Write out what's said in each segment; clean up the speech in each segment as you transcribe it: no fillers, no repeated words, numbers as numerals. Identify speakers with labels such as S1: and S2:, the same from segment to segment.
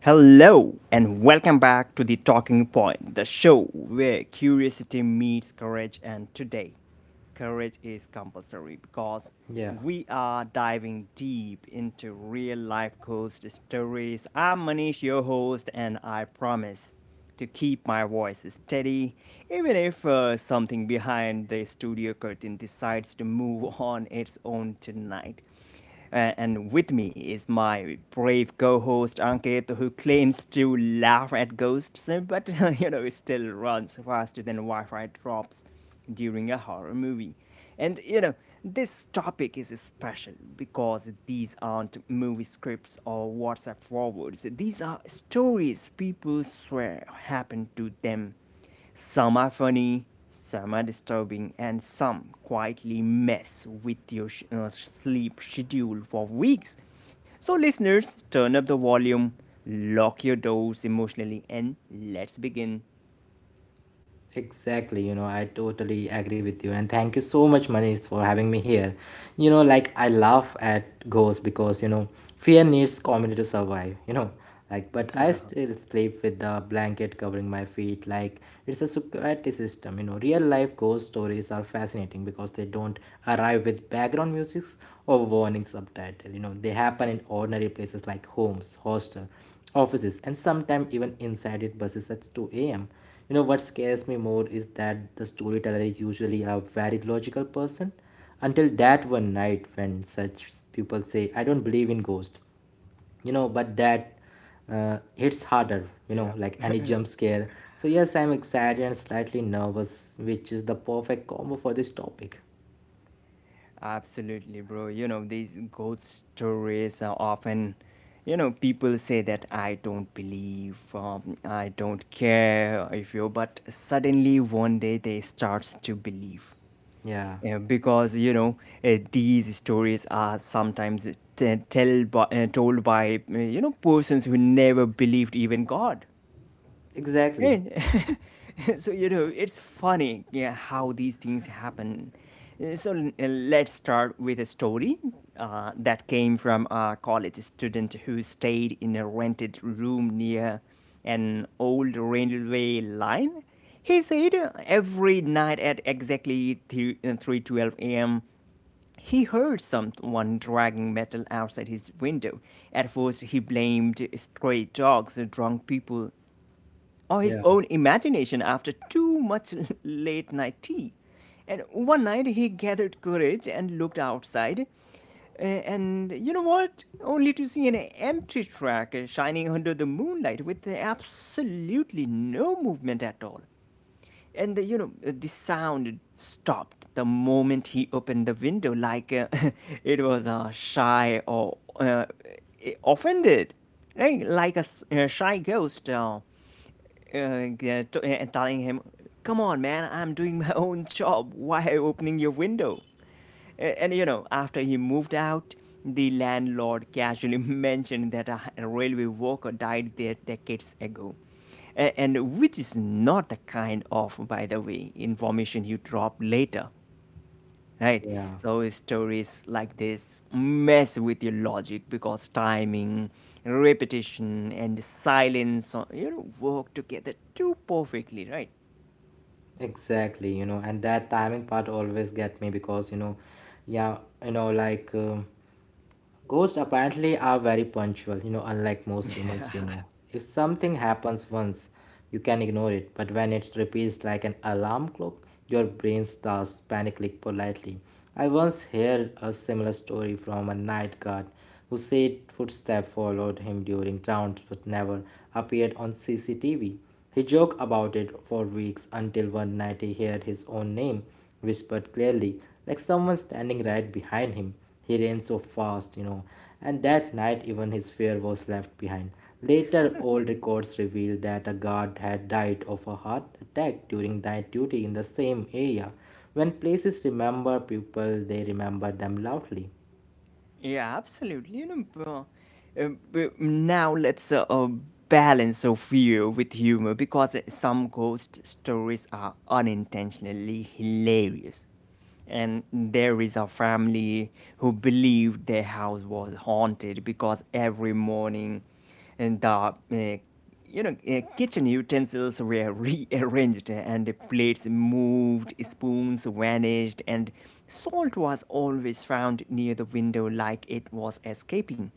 S1: Hello, and welcome back to The Talking Point, the show where curiosity meets courage. And today, courage is compulsory because
S2: Yeah,
S1: we are diving deep into real life ghost stories. I'm Manish, your host, and I promise to keep my voice steady, even if something behind the studio curtain decides to move on its own tonight. And with me is my brave co-host Ankit, who claims to laugh at ghosts, but it still runs faster than Wi-Fi drops during a horror movie. And this topic is special because these aren't movie scripts or WhatsApp forwards. These are stories people swear happened to them. Some are funny, some are disturbing, and some quietly mess with your sleep schedule for weeks. So, listeners, turn up the volume, lock your doors emotionally, and let's begin.
S2: exactly. You know, I totally agree with you. And thank you so much, Manish, for having me here. You know, like I laugh at ghosts because, you know, fear needs community to survive. You know, like, but I
S1: Yeah,
S2: still sleep with the blanket covering my feet. Like, it's a security system. You know, real life ghost stories are fascinating because they don't arrive with background music or warning subtitle. You know, they happen in ordinary places like homes, hostel, offices, and sometimes even inside it buses at 2 a.m. You know, what scares me more is that the storyteller is usually a very logical person until that one night when such people say, I don't believe in ghosts you know but that it's harder, you know,
S1: yeah,
S2: like any jump scare. So, yes, I'm excited and slightly nervous, which is the perfect combo for this topic.
S1: absolutely, bro. You know, these ghost stories are often, people say that I don't believe, I don't care if you, but suddenly one day they starts to believe.
S2: Yeah,
S1: Yeah, because these stories are sometimes told by persons who never believed even God.
S2: exactly.
S1: And so you know it's funny, yeah, how these things happen. So let's start with a story that came from a college student who stayed in a rented room near an old railway line. He said every night at exactly 3:12 a.m. He heard someone dragging metal outside his window. At first, he blamed stray dogs, drunk people, or his
S2: Yeah,
S1: own imagination after too much late night tea. And one night, he gathered courage and looked outside. And you know what? Only to see an empty track shining under the moonlight with absolutely no movement at all. And the sound stopped the moment he opened the window, like it was shy or offended, right? Like a shy ghost telling him, come on, man, I'm doing my own job. Why are you opening your window? And you know, after he moved out, the landlord casually mentioned that a railway worker died there decades ago. And which is not the kind of, by the way, information you drop later, right?
S2: yeah,
S1: So stories like this mess with your logic because timing, repetition, and silence, you know, work together too perfectly, right?
S2: exactly. You know, and that timing part always get me because, you know, yeah, you know, Ghosts apparently are very punctual, you know, unlike most humans we know. If something happens once, you can ignore it, but when it repeats like an alarm clock, your brain starts panicking politely. I once heard a similar story from a night guard who said footsteps followed him during rounds but never appeared on CCTV. He joked about it for weeks until one night he heard his own name whispered clearly, like someone standing right behind him. He ran so fast, you know, and that night even his fear was left behind. Later, old records revealed that a guard had died of a heart attack during night duty in the same area. When places remember people, they remember them loudly.
S1: Yeah, absolutely. You know, now let's balance of fear with humor because some ghost stories are unintentionally hilarious, and there is a family who believed their house was haunted because every morning and the kitchen utensils were rearranged, and the plates moved, spoons vanished, and salt was always found near the window like it was escaping.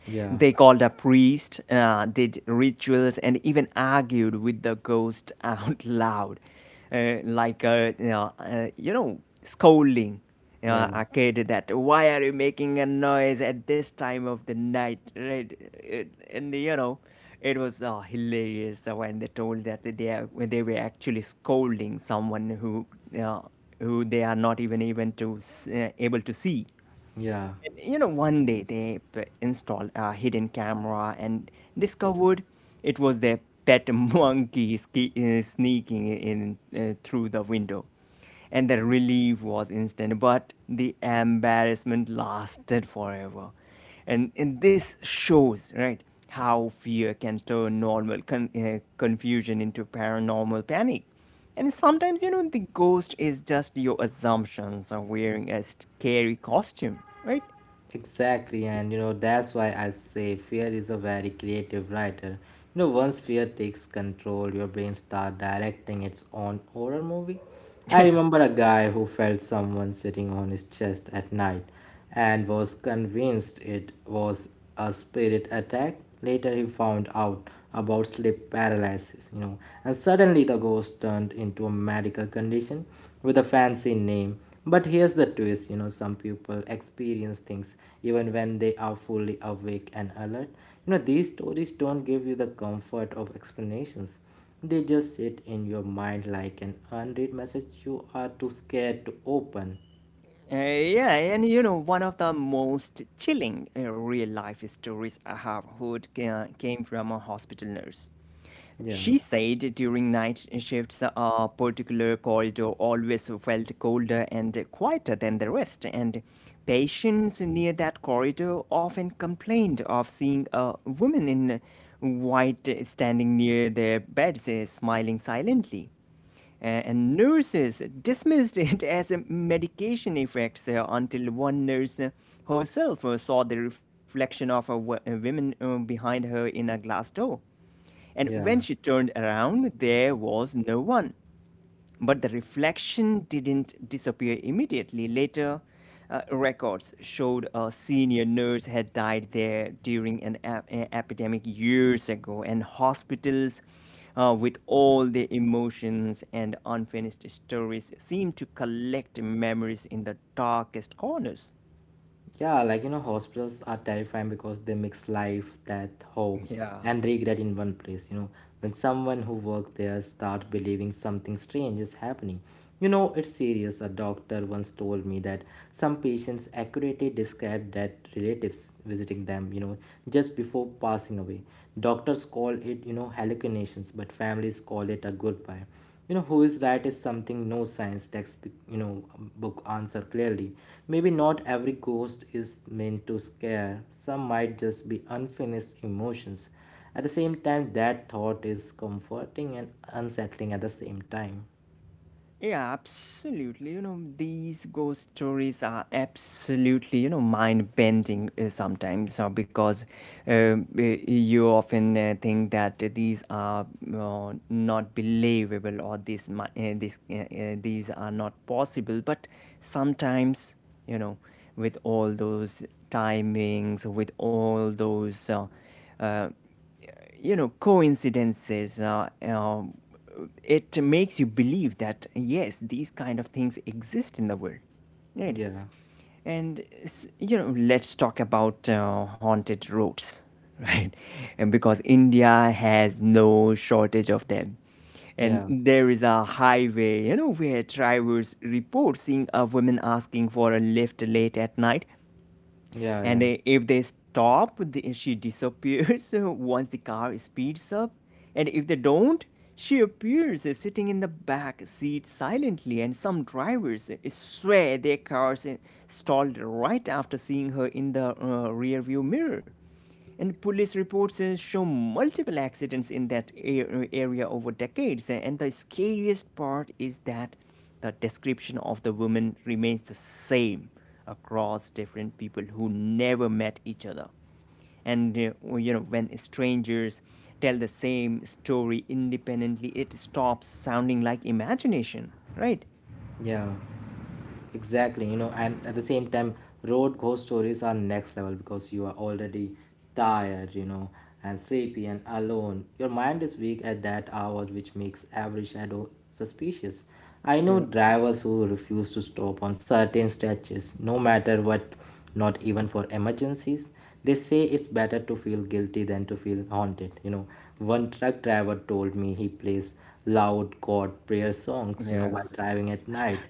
S2: Yeah,
S1: They called a priest, did rituals, and even argued with the ghost out loud, like a scolding
S2: yeah.
S1: a kid that why are you making a noise at this time of the night, right? It, and you know, it was hilarious when they told that when they were actually scolding someone who. You who they are not even to able to see.
S2: Yeah,
S1: And, you know, one day they installed a hidden camera and discovered it was their pet monkey sneaking in through the window. And the relief was instant, but the embarrassment lasted forever. And this shows, right, how fear can turn normal confusion into paranormal panic. And sometimes, you know, the ghost is just your assumptions of wearing a scary costume, right?
S2: exactly. And you know, that's why I say fear is a very creative writer. You know, once fear takes control, your brain starts directing its own horror movie. I remember a guy who felt someone sitting on his chest at night and was convinced it was a spirit attack. Later, he found out about sleep paralysis, you know, and suddenly the ghost turned into a medical condition with a fancy name. But here's the twist you know, some people experience things even when they are fully awake and alert. You know, these stories don't give you the comfort of explanations. They just sit in your mind like an unread message you are too scared to open.
S1: Yeah, and you know, one of the most chilling real life stories I have heard came from a hospital nurse.
S2: Yeah,
S1: She said during night shifts, a particular corridor always felt colder and quieter than the rest, and patients near that corridor often complained of seeing a woman in white standing near their beds, smiling silently. And nurses dismissed it as a medication effect until one nurse herself saw the reflection of a woman behind her in a glass door. And
S2: yeah,
S1: when she turned around, there was no one. But the reflection didn't disappear immediately. Later, records showed a senior nurse had died there during an epidemic years ago, and hospitals, with all their emotions and unfinished stories, seem to collect memories in the darkest corners.
S2: yeah. Like, you know, hospitals are terrifying because they mix life, death, hope,
S1: Yeah.
S2: and regret in one place. You know, when someone who worked there start believing something strange is happening. You know, it's serious. A doctor once told me that some patients accurately described dead relatives visiting them, you know, just before passing away. Doctors call it, you know, hallucinations, but families call it a goodbye. You know, who is right is something no science text you know, book answer clearly. Maybe not every ghost is meant to scare. Some might just be unfinished emotions. At the same time, that thought is comforting and unsettling at the same time.
S1: Yeah, absolutely. You know, these ghost stories are absolutely, you know, mind bending sometimes because um, uh, you often think that these are not believable, or these are not possible. But sometimes, you know, with all those timings, with all those uh, uh, you know coincidences, it makes you believe that yes, these kind of things exist in the world, right?
S2: Yeah,
S1: And you know, let's talk about haunted roads, right? And because india has no shortage of them,
S2: yeah,
S1: and there is a highway, you know, where drivers report seeing a woman asking for a lift late at night.
S2: yeah, yeah,
S1: And if they stop, she disappears once the car speeds up. And if they don't, she appears sitting in the back seat silently. And some drivers swear their cars stalled right after seeing her in the rearview mirror. And police reports show multiple accidents in that area over decades. And the scariest part is that the description of the woman remains the same across different people who never met each other. And you know, when strangers tell the same story independently, it stops sounding like imagination, right?
S2: yeah. Exactly you know and at the same time road ghost stories are next level because you are already tired you know and sleepy and alone your mind is weak at that hour which makes every shadow suspicious. I know
S1: Yeah.
S2: drivers who refuse to stop on certain stretches no matter what, not even for emergencies. They say it's better to feel guilty than to feel haunted you know. One truck driver told me he plays loud god prayer songs you know
S1: Yeah.
S2: while driving at night,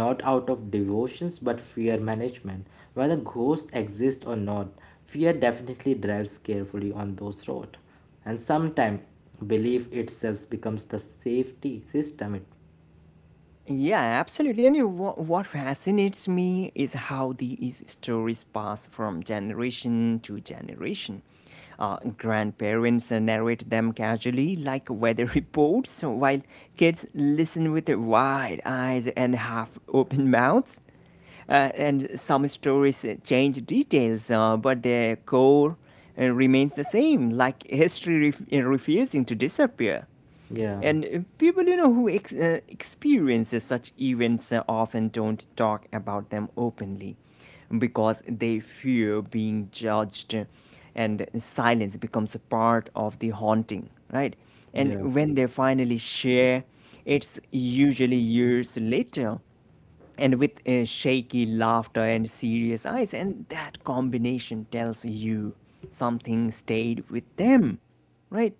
S2: not out of devotions but fear management. Whether ghosts exist or not, fear definitely drives carefully on those roads. And sometimes belief itself becomes the safety system. It,
S1: Yeah, absolutely. And you know, what fascinates me is how these stories pass from generation to generation. Grandparents narrate them casually, like weather reports, while kids listen with wide eyes and half open mouths. And some stories change details, but their core remains the same, like history refusing to disappear.
S2: yeah,
S1: And people, you know, who experiences such events often don't talk about them openly because they fear being judged, and silence becomes a part of the haunting, right? And
S2: yeah.
S1: when they finally share, it's usually years later, and with shaky laughter and serious eyes. And that combination tells you something stayed with them, right?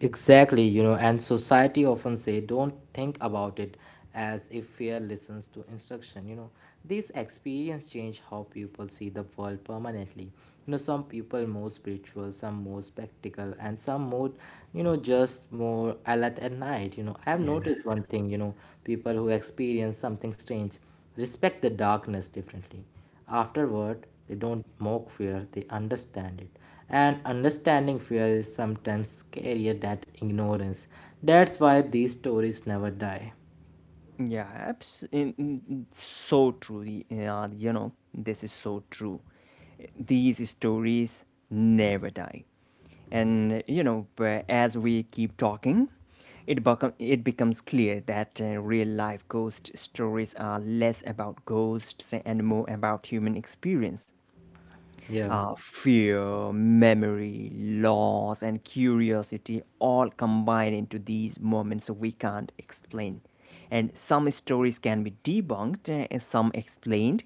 S2: Exactly, you know, and society often say don't think about it as if fear listens to instruction. You know, this experience change how people see the world permanently. You know, some people more spiritual, some more spectacle, and some more, you know, just more alert at night. You know, I've noticed one thing. You know, people who experience something strange respect the darkness differently. Afterward, they don't mock fear, they understand it. And understanding fear is sometimes scarier than ignorance. That's why these stories never die.
S1: Yeah, abs- in, in- so true. Yeah, you know, this is so true. These stories never die. And you know, as we keep talking, it becomes clear that real life ghost stories are less about ghosts and more about human experience.
S2: Yeah,
S1: Fear, memory, loss, and curiosity all combine into these moments we can't explain. And some stories can be debunked, and some explained,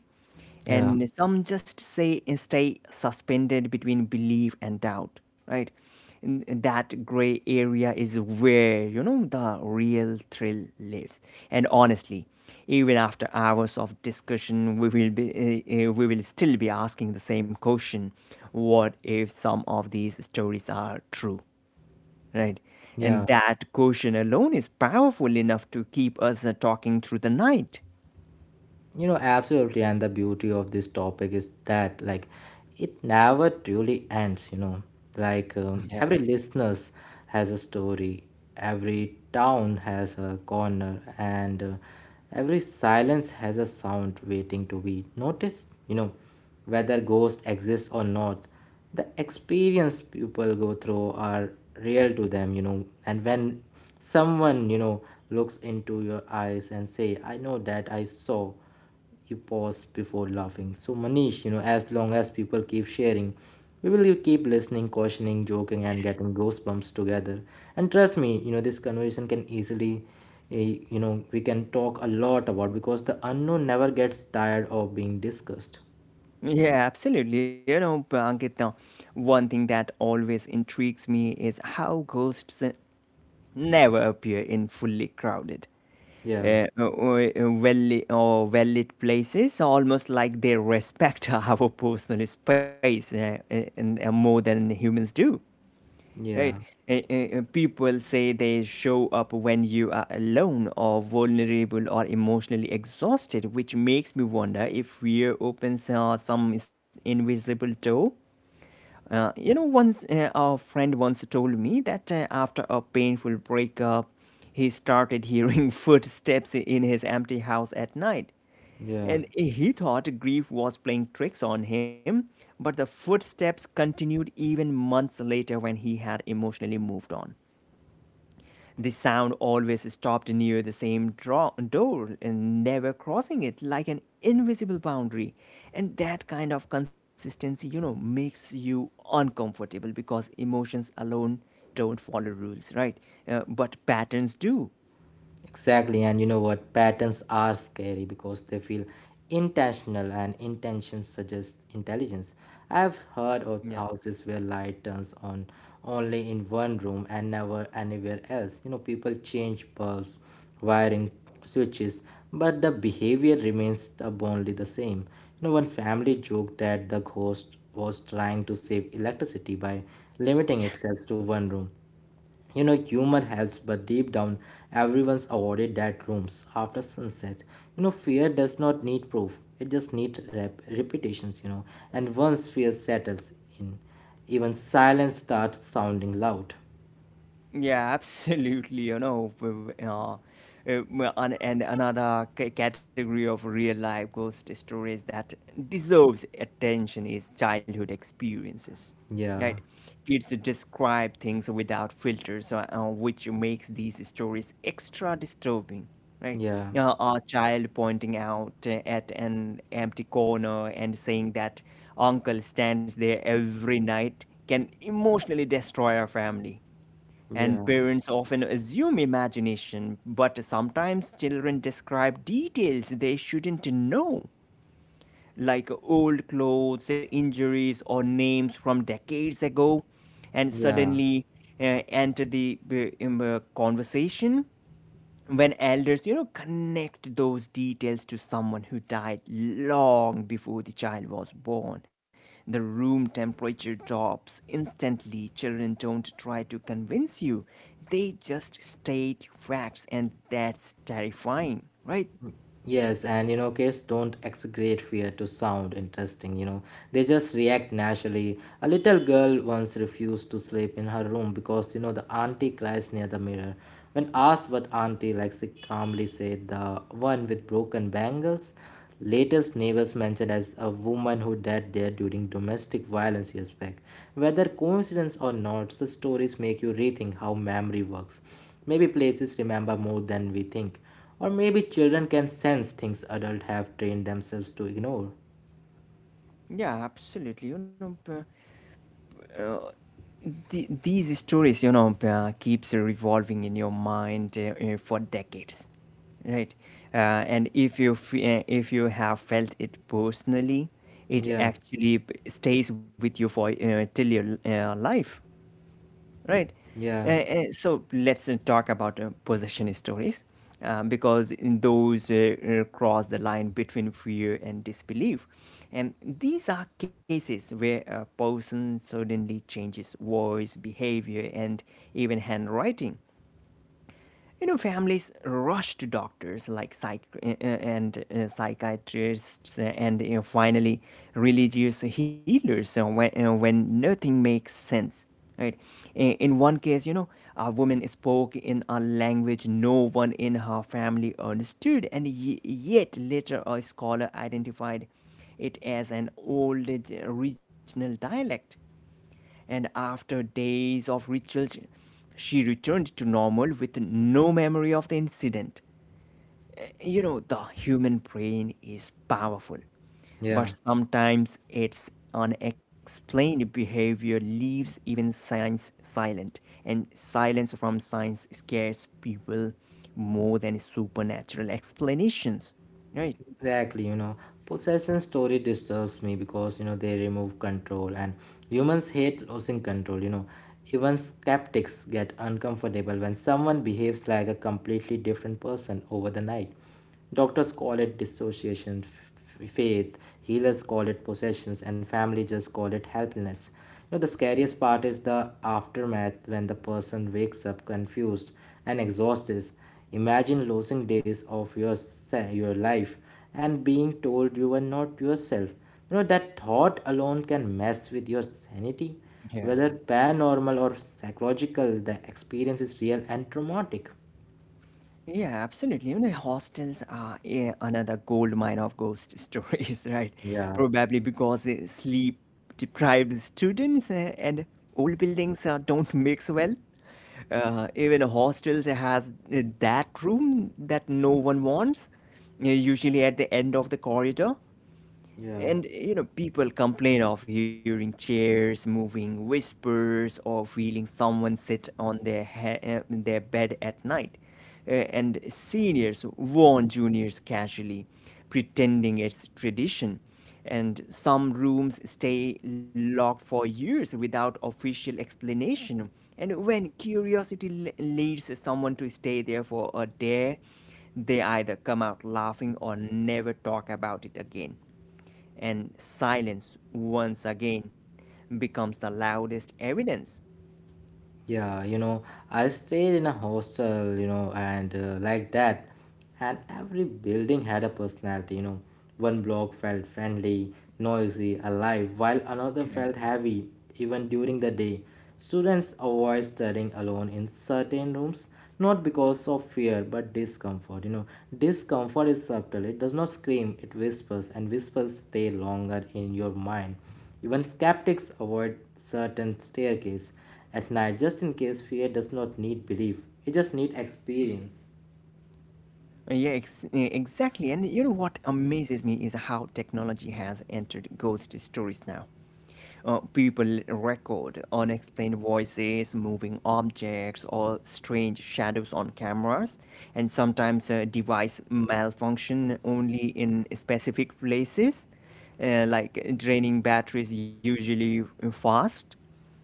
S2: yeah,
S1: and some just say, eh, stay suspended between belief and doubt, right? And that gray area is where, you know, the real thrill lives. And honestly, even after hours of discussion, we will still be asking the same question, what if some of these stories are true, right?
S2: yeah.
S1: And that question alone is powerful enough to keep us talking through the night.
S2: You know, absolutely. And the beauty of this topic is that, like, it never truly ends, you know. Every
S1: Yeah.
S2: listeners has a story, every town has a corner, and every silence has a sound waiting to be noticed, you know, whether ghosts exist or not. The experience people go through are real to them, you know, and when someone, you know, looks into your eyes and say, I know that I saw you pause before laughing. So, Manish, you know, as long as people keep sharing, we will keep listening, cautioning, joking, and getting goosebumps together. And trust me, you know, this conversation can easily, you know, we can talk a lot about because the unknown never gets tired of being discussed.
S1: Yeah, absolutely. You know, Ankit, now, one thing that always intrigues me is how ghosts never appear in fully crowded,
S2: Yeah,
S1: or well-lit places, almost like they respect our personal space, more than humans do. Right?
S2: yeah,
S1: People say they show up when you are alone or vulnerable or emotionally exhausted, which makes me wonder if fear opens some invisible door. You know, once A friend once told me that after a painful breakup, he started hearing footsteps in his empty house at night.
S2: yeah.
S1: And he thought grief was playing tricks on him, but the footsteps continued even months later when he had emotionally moved on. The sound always stopped near the same door and never crossing it like an invisible boundary. And that kind of consistency, you know, makes you uncomfortable because emotions alone don't follow rules, right? But patterns do.
S2: Exactly, and you know what? Patterns are scary because they feel intentional, and intention suggests intelligence. I've heard
S1: Yeah.
S2: of houses where light turns on only in one room and never anywhere else. You know, people change bulbs, wiring, switches, but the behavior remains stubbornly the same. You know, one family joked that the ghost was trying to save electricity by limiting itself to one room. You know, humor helps, but deep down, everyone's avoided that rooms after sunset. You know, fear does not need proof, it just needs repetitions, you know. And once fear settles in, even silence starts sounding loud.
S1: Yeah, absolutely. You know, and another category of real life ghost stories that deserves attention is childhood experiences,
S2: Yeah,
S1: right? Kids describe things without filters, which makes these stories extra disturbing, right?
S2: yeah,
S1: A child pointing out at an empty corner and saying that uncle stands there every night can emotionally destroy a family, and
S2: yeah,
S1: parents often assume imagination, but sometimes children describe details they shouldn't know, like old clothes, injuries, or names from decades ago, and
S2: yeah.
S1: suddenly enter the conversation when elders, you know, connect those details to someone who died long before the child was born. The room temperature drops instantly. Children don't try to convince you, they just state facts, and that's terrifying, right?
S2: Yes, and you know, kids don't exaggerate fear to sound interesting, you know. They just react naturally. A little girl once refused to sleep in her room because, you know, the auntie cries near the mirror. When asked what auntie like, she calmly said the one with broken bangles. Latest neighbors mentioned as a woman who died there during domestic violence years back. Whether coincidence or not, such stories make you rethink how memory works. Maybe places remember more than we think. Or maybe children can sense things adults have trained themselves to ignore.
S1: Yeah, absolutely. You know, uh, these stories, you know, keeps revolving in your mind for decades. Right. uh, and if if you have felt it personally, it
S2: Yeah,
S1: actually stays with you for till your life. Right.
S2: yeah,
S1: Uh, uh, so let's talk about possession stories, because in those cross the line between fear and disbelief, and these are cases where a person suddenly changes voice, behavior, and even handwriting. You know, families rush to doctors like psychiatrists, and, you know, finally religious healers when nothing makes sense, right? I- In one case, you know, a woman spoke in a language no one in her family understood, and yet later a scholar identified it as an old regional dialect, and after days of rituals, she returned to normal with no memory of the incident. You know, the human brain is powerful,
S2: yeah,
S1: but sometimes its unexplained behavior leaves even science silent, and silence from science scares people more than supernatural explanations. Right?
S2: exactly. You know, possession story disturbs me because you know they remove control, and humans hate losing control. You know, even skeptics get uncomfortable when someone behaves like a completely different person over the night. Doctors call it dissociation, faith, healers call it possessions, and family just call it helplessness. You know, the scariest part is the aftermath when the person wakes up confused and exhausted. Imagine losing days of your life and being told you were not yourself. You know, that thought alone can mess with your sanity.
S1: Yeah.
S2: Whether paranormal or psychological, the experience is real and traumatic.
S1: Yeah, absolutely. You know, hostels are, yeah, another gold mine of ghost stories, right?
S2: Yeah,
S1: Probably because sleep-deprived students and old buildings don't mix well. Even hostels has that room that no one wants, usually at the end of the corridor.
S2: yeah.
S1: And, you know, people complain of hearing chairs moving, whispers, or feeling someone sit on their bed at night. And seniors warn juniors casually, pretending it's tradition. And some rooms stay locked for years without official explanation. And when curiosity leads someone to stay there for a day, they either come out laughing or never talk about it again, and silence once again becomes the loudest evidence.
S2: Yeah, you know, I stayed in a hostel, you know, and like that. And every building had a personality, you know. One block felt friendly, noisy, alive, while another felt heavy, even during the day. Students avoid studying alone in certain rooms, not because of fear, but discomfort. You know, discomfort is subtle, it does not scream, it whispers, and whispers stay longer in your mind. Even skeptics avoid certain staircase at night just in case fear does not need belief, it just needs experience.
S1: Yeah, ex- eh, exactly. And you know what amazes me is how technology has entered ghost stories now. People record unexplained voices, moving objects, or strange shadows on cameras, and sometimes device malfunction only in specific places, like draining batteries usually fast.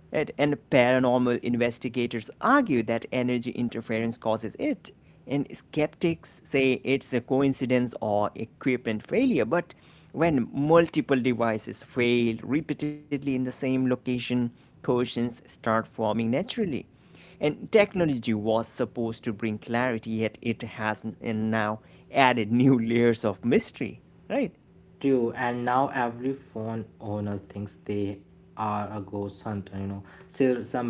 S1: Right? And paranormal investigators argue that energy interference causes it. And skeptics say it's a coincidence or equipment failure. But when multiple devices fail repeatedly in the same location, questions start forming naturally. And technology was supposed to bring clarity, yet it has n- and now added new layers of mystery, right?
S2: True, and now every phone owner thinks they are a ghost hunter, you know. Still, some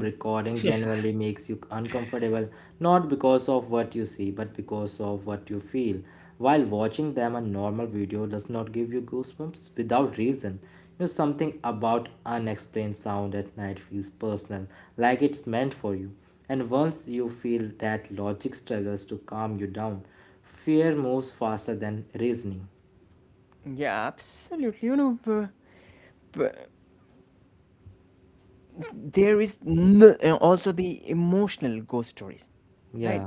S1: Yeah.
S2: recording generally makes you uncomfortable, not because of what you see, but because of what you feel. While watching them, a normal video does not give you goosebumps without reason. You know, something about unexplained sound at night feels personal, like it's meant for you. And once you feel that logic struggles to calm you down, fear moves faster than reasoning.
S1: Yeah, absolutely. You know, there is also the emotional ghost stories,
S2: Yeah.
S1: right?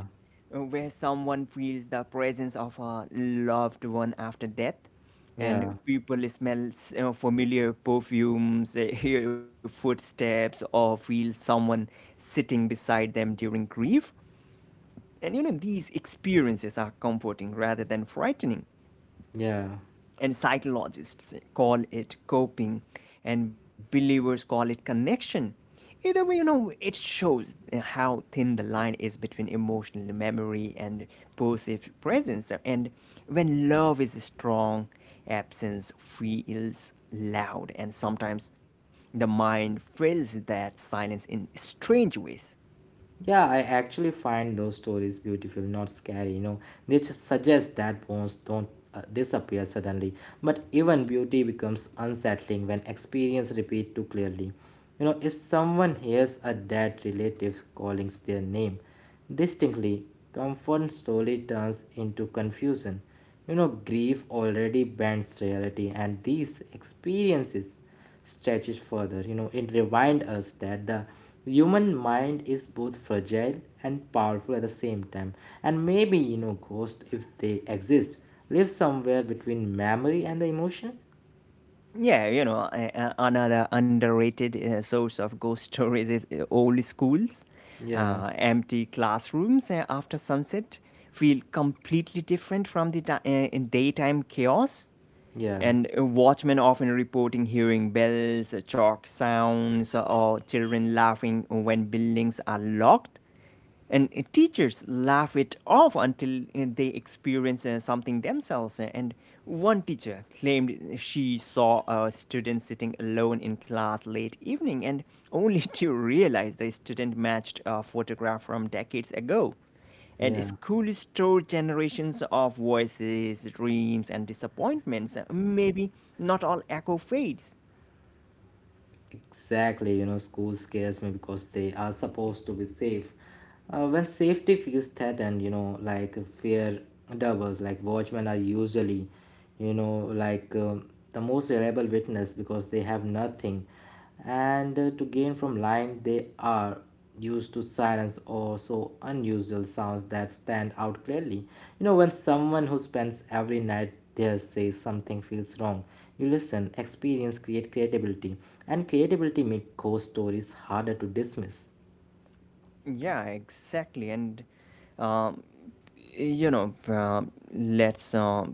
S1: Where someone feels the presence of a loved one after death,
S2: Yeah,
S1: and people smell familiar perfumes, hear footsteps, or feel someone sitting beside them during grief. And, you know, these experiences are comforting rather than frightening.
S2: yeah,
S1: And psychologists call it coping, and believers call it connection. Either way, you know, it shows how thin the line is between emotional memory and perceived presence. And when love is strong, absence feels loud, and sometimes the mind fills that silence in strange ways.
S2: yeah. I actually find those stories beautiful, not scary. You know, they just suggest that bones don't disappear suddenly, but even beauty becomes unsettling when experience repeat too clearly. You know, if someone hears a dead relative calling their name distinctly, comfort slowly turns into confusion. You know, grief already bends reality, and these experiences stretches further. You know, it reminds us that the human mind is both fragile and powerful at the same time. And maybe, you know, ghosts, if they exist, live somewhere between memory and the emotion.
S1: Yeah, you know, a- another underrated source of ghost stories is old schools.
S2: Yeah,
S1: Empty classrooms after sunset feel completely different from the in daytime chaos.
S2: yeah,
S1: And, watchmen often reporting hearing bells, chalk sounds, or children laughing when buildings are locked, and teachers laugh it off until they experience something themselves, and one teacher claimed she saw a student sitting alone in class late evening, and only to realize the student matched a photograph from decades ago, and
S2: yeah.
S1: school stored generations of voices, dreams and disappointments. Maybe not all echo fades.
S2: Exactly, you know, schools scares me because they are supposed to be safe. When safety feels threatened, you know, like fear doubles, like watchmen are usually, you know, the most reliable witness because they have nothing. And to gain from lying, they are used to silence or so unusual sounds that stand out clearly. You know, when someone who spends every night there says something feels wrong, you listen, experience, create credibility, and credibility make ghost stories harder to dismiss.
S1: Yeah, exactly. And um, you know, let's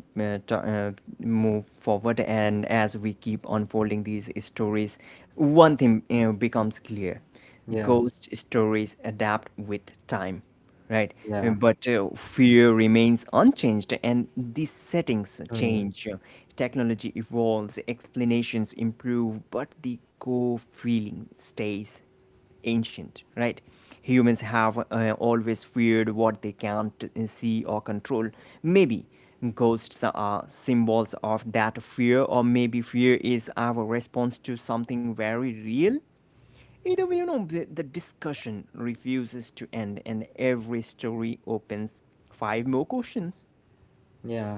S1: t- move forward. And as we keep unfolding these stories, one thing, you know, becomes clear:
S2: Yeah,
S1: ghost stories adapt with time, right?
S2: yeah,
S1: But fear remains unchanged, and these settings
S2: mm,
S1: change. Technology evolves, explanations improve, but the core feeling stays ancient, right? Humans have always feared what they can't see or control. Maybe ghosts are symbols of that fear, or maybe fear is our response to something very real. Either way, you know, the discussion refuses to end, and every story opens five more questions.
S2: yeah.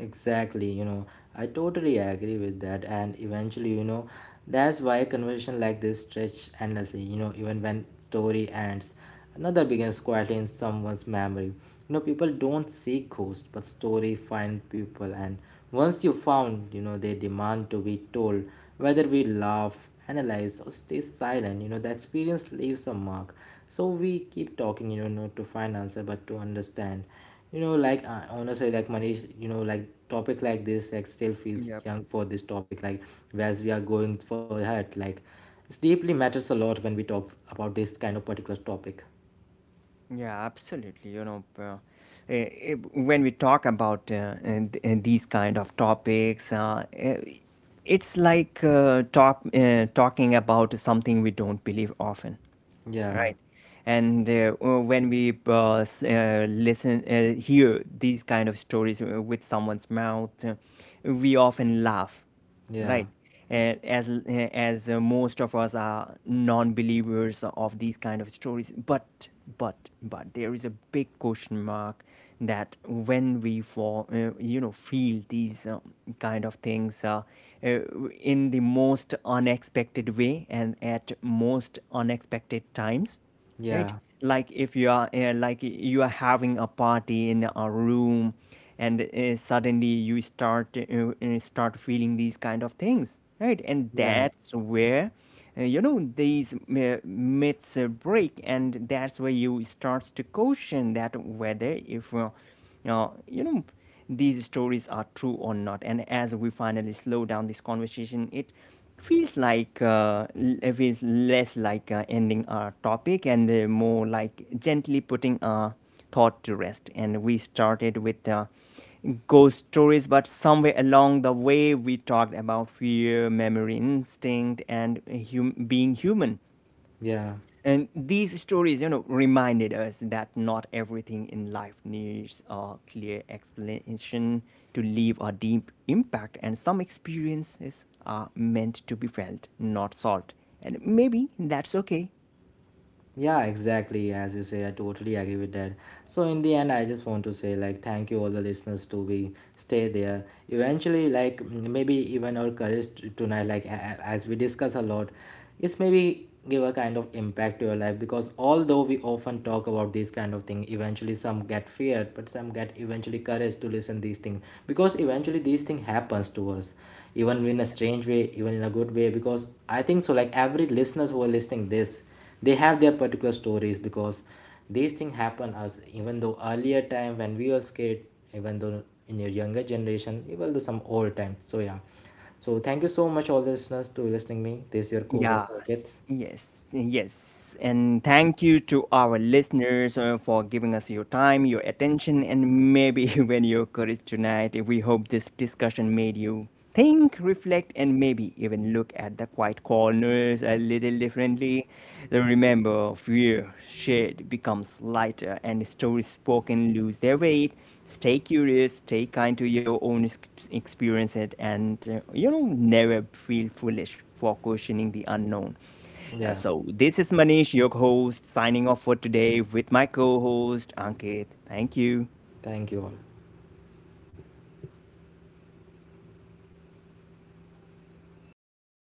S2: Exactly, you know, I totally agree with that. And eventually, you know, that's why conversation like this stretch endlessly, you know, even when story ends. Another begins quietly in someone's memory. You know, people don't seek ghosts, but story find people. And once you found, you know, they demand to be told. Whether we laugh, analyze, or stay silent, you know, the experience leaves a mark. So we keep talking, you know, not to find answer, but to understand. You know honestly like Manish, you know, like topic like this like still feels
S1: Yeah.
S2: young for this topic, like as we are going for ahead, like it deeply matters a lot when we talk about this kind of particular topic.
S1: Yeah, absolutely. You know, when we talk about and these kind of topics, it's like, talking about something we don't believe often.
S2: Yeah,
S1: Right. And when we hear these kind of stories with someone's mouth, we often laugh,
S2: yeah,
S1: right? And as most of us are non-believers of these kind of stories, but but but there is a big question mark, that when we for you know, feel these kind of things, uh, in the most unexpected way and at most unexpected times,
S2: yeah,
S1: right? Like if you are like you are having a party in a room, and suddenly you start feeling these kind of things, right? And
S2: yeah,
S1: that's where, you know, these myths break, and that's where you starts to question that whether if you know, these stories are true or not. And as we finally slow down this conversation, it feels like, it feels less like ending our topic and more like gently putting our thought to rest. And we started with ghost stories, but somewhere along the way, we talked about fear, memory, instinct, and being human.
S2: yeah.
S1: And these stories, you know, reminded us that not everything in life needs a clear explanation to leave a deep impact, and some experiences are meant to be felt, not solved. And maybe that's okay.
S2: Yeah, exactly. As you say, I totally agree with that. So in the end, I just want to say like thank you all the listeners to be stay there. Eventually, like maybe even our courage tonight, like as we discuss a lot, it's maybe give a kind of impact to your life because although we often talk about these kind of thing, eventually some get feared, but some get eventually courage to listen these things, because eventually these thing happens to us even in a strange way, even in a good way, because I think so like every listeners who are listening this, they have their particular stories because these things happen, as even though earlier time when we were scared, even though in your younger generation, even though some old time. So yeah, so thank you so much all the listeners to listening me. This is your co-host
S1: Yes,
S2: Ankit.
S1: yes, yes. And thank you to our listeners for giving us your time, your attention, and maybe even your courage tonight. We hope this discussion made you think, reflect, and maybe even look at the quiet corners a little differently. The remember, of fear shared becomes lighter, and stories spoken lose their weight. Stay curious, stay kind to your own experience it, and, you know, never feel foolish for questioning the unknown.
S2: Yeah,
S1: So, this is Manish, your host, signing off for today with my co host Ankit. Thank you.
S2: thank you all.